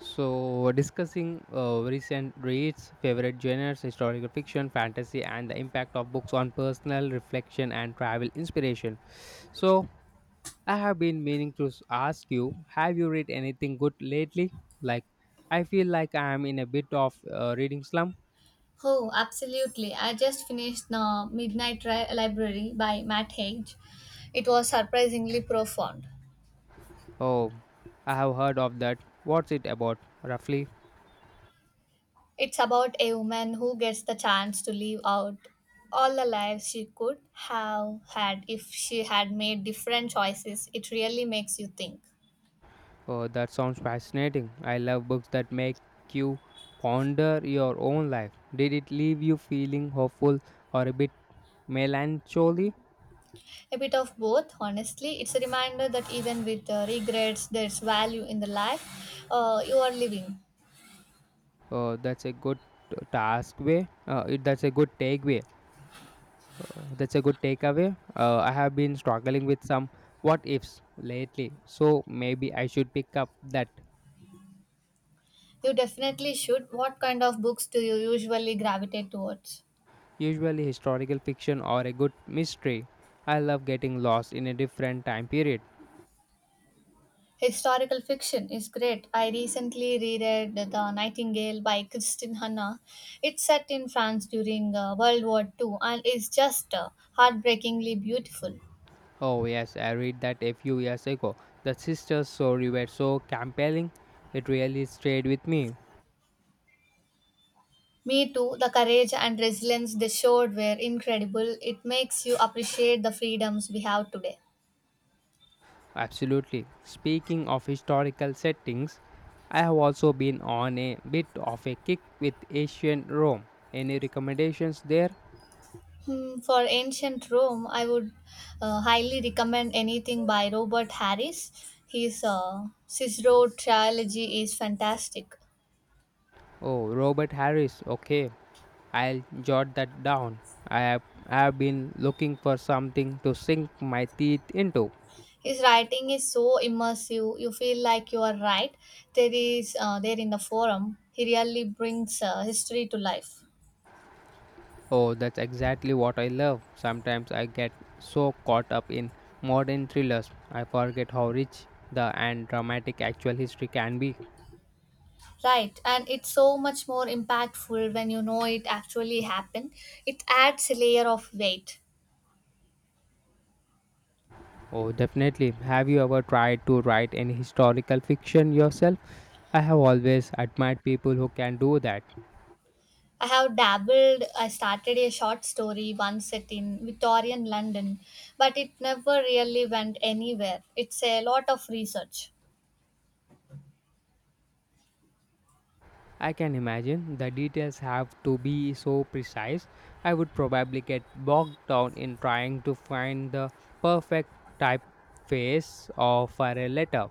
So, discussing recent reads, favorite genres, historical fiction, fantasy, and the impact of books on personal reflection and travel inspiration. So, I have been meaning to ask you, have you read anything good lately? Like, I feel like I am in a bit of reading slump. Oh, absolutely. I just finished The Midnight Library by Matt Haig. It was surprisingly profound. Oh, I have heard of that. What's it about, roughly? It's about a woman who gets the chance to live out all the lives she could have had if she had made different choices. It really makes you think. Oh, that sounds fascinating. I love books that make you ponder your own life. Did it leave you feeling hopeful or a bit melancholy? A bit of both, honestly. It's a reminder that even with regrets, there's value in the life you are living. Oh, that's a good that's a good takeaway. That's a good takeaway. I have been struggling with some what ifs lately, so maybe I should pick up that. You definitely should. What kind of books do you usually gravitate towards? Usually historical fiction or a good mystery. I love getting lost in a different time period. Historical fiction is great. I recently reread The Nightingale by Kristin Hanna. It's set in France during World War Two and is just heartbreakingly beautiful. Oh yes, I read that a few years ago. The sisters' story were so compelling, it really stayed with me. Me too, the courage and resilience they showed were incredible. It makes you appreciate the freedoms we have today. Absolutely. Speaking of historical settings, I have also been on a bit of a kick with ancient Rome. Any recommendations there? Hmm, for ancient Rome, I would highly recommend anything by Robert Harris. His Cicero trilogy is fantastic. Oh, Robert Harris. Okay, I'll jot that down. I have, I have been looking for something to sink my teeth into. His writing is so immersive. You feel like you are right there in the forum. He really brings history to life. Oh, that's exactly what I love. Sometimes I get so caught up in modern thrillers, I forget how rich the and dramatic actual history can be. Right, and it's so much more impactful when you know it actually happened. It adds a layer of weight. Oh, definitely. Have you ever tried to write any historical fiction yourself? I have always admired people who can do that. I have dabbled. I started a short story once set in Victorian London, but it never really went anywhere. It's a lot of research. I can imagine the details have to be so precise. I would probably get bogged down in trying to find the perfect typeface of for a letter.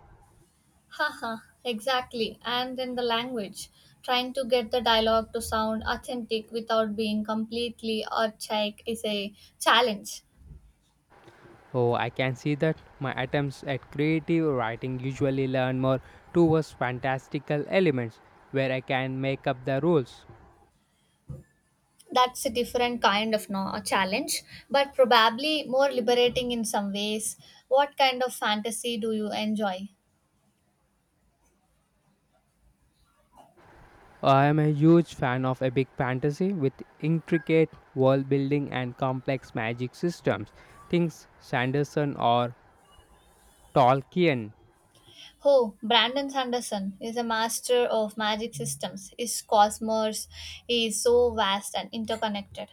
Haha, exactly. And in the language, trying to get the dialogue to sound authentic without being completely archaic is a challenge. Oh, I can see that my attempts at creative writing usually lean more towards fantastical elements where I can make up the rules. That's a different kind of no, a challenge, but probably more liberating in some ways. What kind of fantasy do you enjoy? I am a huge fan of epic fantasy with intricate world building and complex magic systems. Things Sanderson or Tolkien. Oh, Brandon Sanderson is a master of magic systems. His cosmos is so vast and interconnected.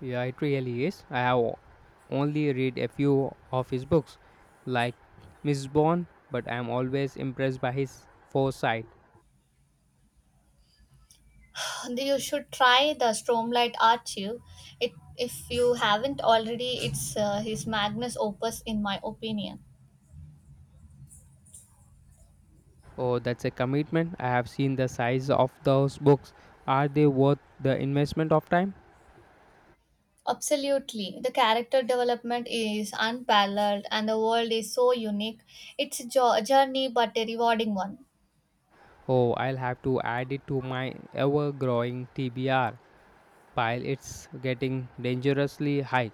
Yeah, it really is. Only read a few of his books, like Miss, but I am always impressed by his foresight. You should try the Stromlight Archive. If you haven't already, it's his magnus opus, in my opinion. Oh, that's a commitment. I have seen the size of those books. Are they worth the investment of time? Absolutely. The character development is unparalleled and the world is so unique. It's a journey but a rewarding one. Oh, I'll have to add it to my ever growing TBR pile. It's getting dangerously high.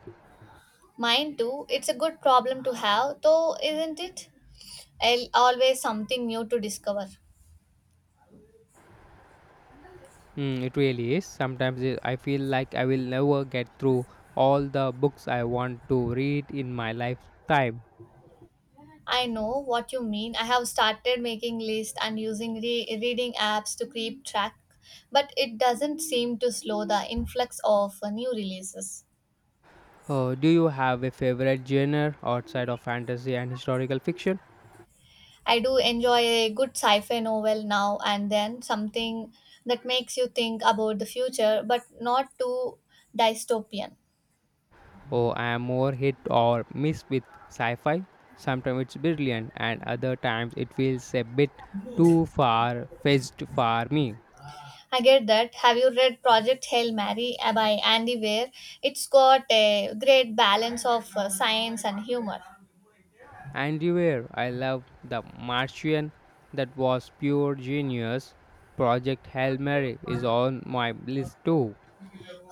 Mine too. It's a good problem to have, though, isn't it? Always something new to discover. Mm, it really is. I feel like I will never get through all the books I want to read in my lifetime. I know what you mean. I have started making lists and using reading apps to keep track, but it doesn't seem to slow the influx of new releases. Oh, do you have a favorite genre outside of fantasy and historical fiction? I do enjoy a good sci-fi novel now and then, something that makes you think about the future, but not too dystopian. Oh, I am more hit or miss with sci fi. Sometimes it's brilliant, and other times it feels a bit too far fetched for me. I get that. Have you read Project Hail Mary by Andy Weir? It's got a great balance of science and humor. And you were, I love The Martian, that was pure genius. Project Hail Mary is on my list too.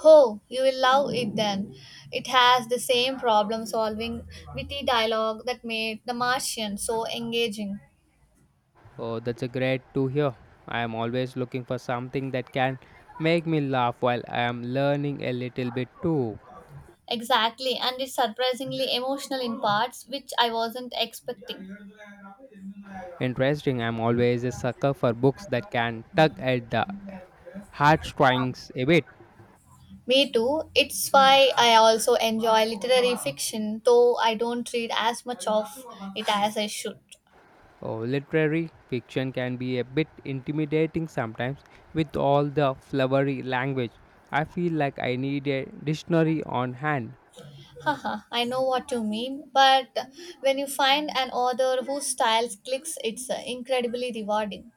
Oh, you will love it then. It has the same problem solving witty dialogue that made The Martian so engaging. Oh, that's a great to hear. I am always looking for something that can make me laugh while I am learning a little bit too. Exactly, and it's surprisingly emotional in parts which I wasn't expecting. Interesting, I'm always a sucker for books that can tug at the heartstrings a bit. Me too. It's why I also enjoy literary fiction, though I don't read as much of it as I should. Oh, literary fiction can be a bit intimidating sometimes with all the flowery language. I feel like I need a dictionary on hand. Haha, I know what you mean, but when you find an author whose style clicks, it's incredibly rewarding.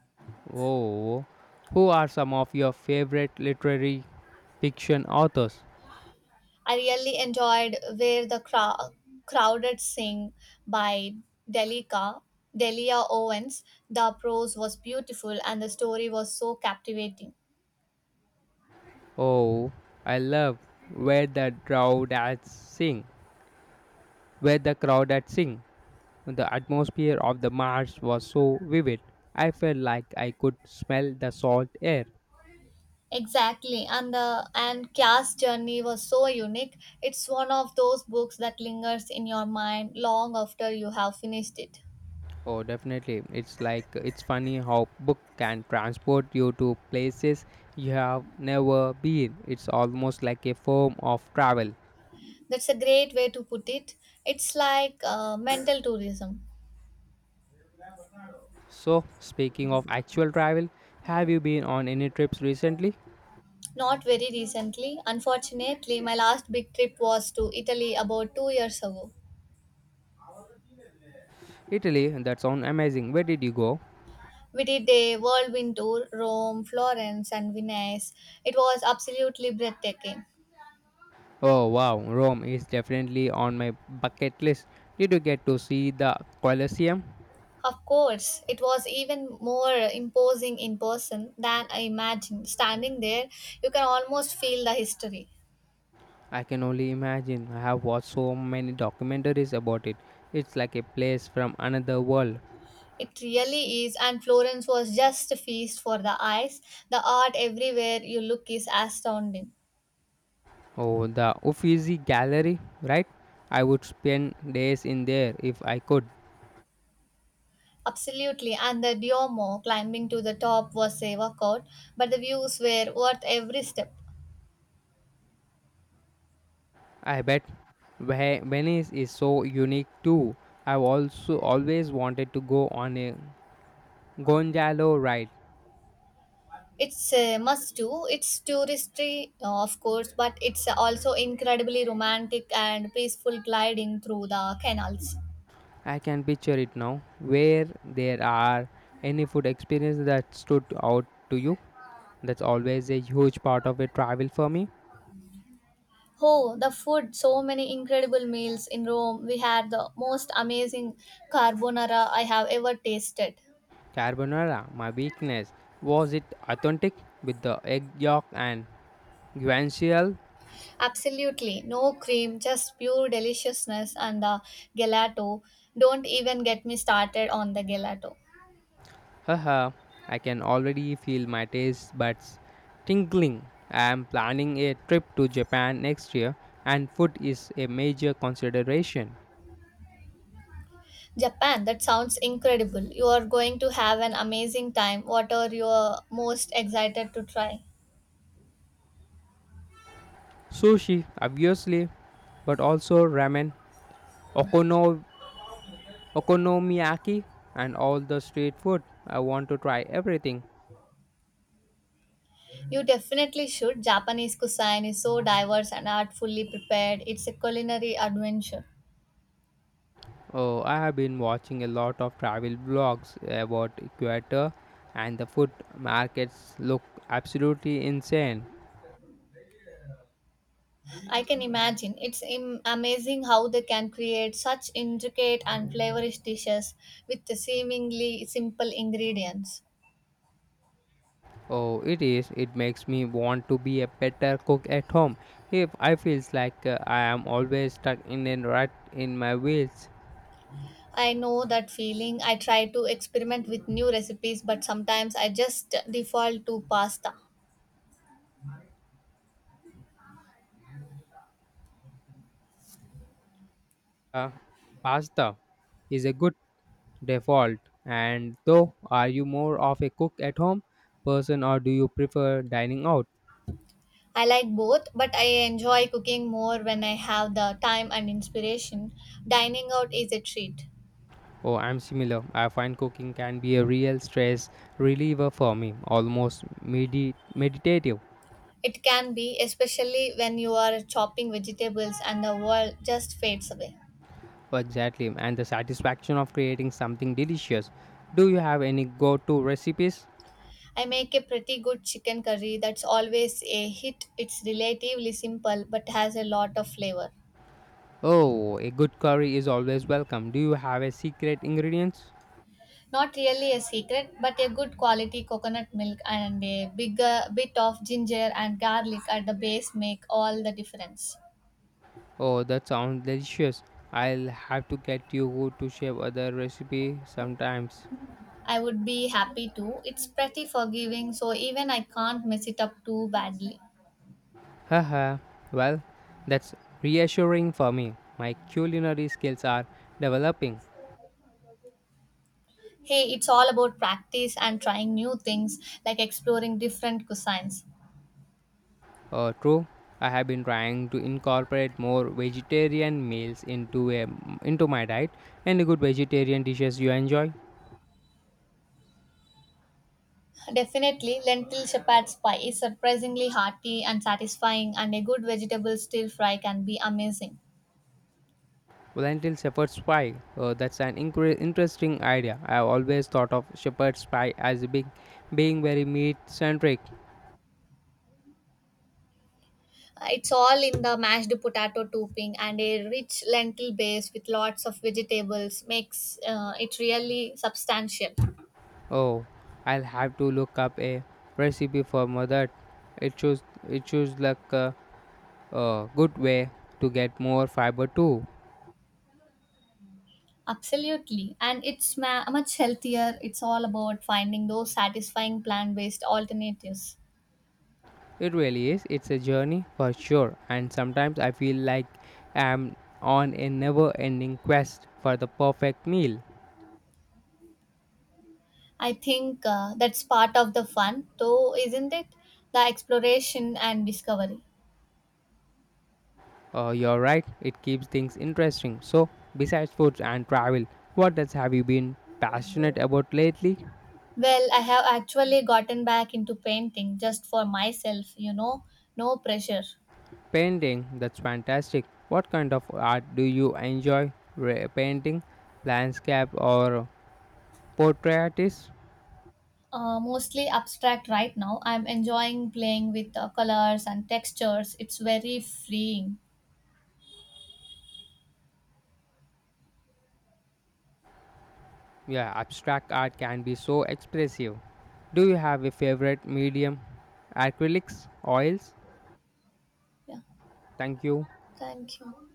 Oh, who are some of your favorite literary fiction authors? I really enjoyed Where the Crow- Crowded Sing by Delica. Delia Owens. The prose was beautiful and the story was so captivating. Oh, I love where the drawdads sing, where the crowdads sing. The atmosphere of the marsh was so vivid. I felt like I could smell the salt air. Exactly, and the and Kya's journey was so unique. It's one of those books that lingers in your mind long after you have finished it. Oh, definitely. It's like it's funny how book can transport you to places you have never been. It's almost like a form of travel. That's a great way to put it. It's like mental tourism. So, speaking of actual travel, have you been on any trips recently? Not very recently, unfortunately, my last big trip was to Italy about 2 years ago. Italy, that sounds amazing. Where did you go? We did a whirlwind tour, Rome, Florence, and Venice. It was absolutely breathtaking. Oh, wow. Rome is definitely on my bucket list. Did you get to see the Colosseum? Of course, it was even more imposing in person than I imagined. Standing there, you can almost feel the history. I can only imagine. I have watched so many documentaries about it. It's like a place from another world. It really is, and Florence was just a feast for the eyes. The art everywhere you look is astounding. Oh, the Uffizi Gallery, right? I would spend days in there if I could. Absolutely, and the Duomo climbing to the top was a workout, but the views were worth every step. I bet Venice is so unique too. I've also always wanted to go on a gondola ride. It's a must do. It's touristy, of course, but it's also incredibly romantic and peaceful gliding through the canals. I can picture it now. Where there are any food experience that stood out to you? That's always a huge part of a travel for me. Oh, the food! So many incredible meals in Rome. We had the most amazing carbonara I have ever tasted. Carbonara, my weakness. Was it authentic with the egg yolk and guanciale? Absolutely no cream, just pure deliciousness and the gelato. Don't even get me started on the gelato. Haha, I can already feel my taste buds tingling. I am planning a trip to Japan next year, and food is a major consideration. Japan, that sounds incredible. You are going to have an amazing time. What are you most excited to try? Sushi, obviously, but also ramen, okono- okonomiyaki, and all the street food. I want to try everything. You definitely should. Japanese cuisine is so diverse and artfully prepared. It's a culinary adventure. Oh, I have been watching a lot of travel vlogs about Ecuador, and the food markets look absolutely insane. I can imagine. It's amazing how they can create such intricate and flavorish dishes with the seemingly simple ingredients. Oh, it is. It makes me want to be a better cook at home. If I feels like I am always stuck in a rut in my wheels, I know that feeling. I try to experiment with new recipes, but sometimes I just default to pasta. uh, pasta is a good default. And though, are you more of a cook at home person or do you prefer dining out? I like both, but I enjoy cooking more when I have the time and inspiration. Dining out is a treat. Oh, I'm similar. I find cooking can be a real stress reliever for me, almost meditative. It can be, especially when you are chopping vegetables and the world just fades away. Exactly, and the satisfaction of creating something delicious. Do you have any go to recipes? I make a pretty good chicken curry that's always a hit. It's relatively simple but has a lot of flavor. Oh, a good curry is always welcome. Do you have a secret ingredients? Not really a secret, but a good quality coconut milk and a bigger bit of ginger and garlic at the base make all the difference. Oh, that sounds delicious. I'll have to get you who to share other recipe sometimes. I would be happy to. It's pretty forgiving, so even I can't mess it up too badly. Haha, well, that's reassuring for me. My culinary skills are developing. Hey, it's all about practice and trying new things, like exploring different cuisines. True, I have been trying to incorporate more vegetarian meals into my diet. Any good vegetarian dishes you enjoy? Definitely, lentil shepherd's pie is surprisingly hearty and satisfying, and a good vegetable stir fry can be amazing. Lentil shepherd's pie. That's an interesting idea. I have always thought of shepherd's pie as being very meat centric. It's all in the mashed potato topping and a rich lentil base with lots of vegetables makes it really substantial. Oh, I'll have to look up a recipe for that. It shows it shows like a good way to get more fiber too. Absolutely. And it's much healthier. It's all about finding those satisfying plant based alternatives. It really is. It's a journey for sure, and sometimes I feel like I'm on a never ending quest for the perfect meal. I think that's part of the fun, though, isn't it? The exploration and discovery. You're right, it keeps things interesting. So, besides foods and travel, what else have you been passionate about lately? Well, I have actually gotten back into painting just for myself, you know, no pressure. Painting, that's fantastic. What kind of art do you enjoy? Painting, landscape, or portrait artist? Mostly abstract right now. I'm enjoying playing with colors and textures. It's very freeing. Yeah, abstract art can be so expressive. Do you have a favorite medium? Acrylics, oils? Yeah. Thank you. Thank you.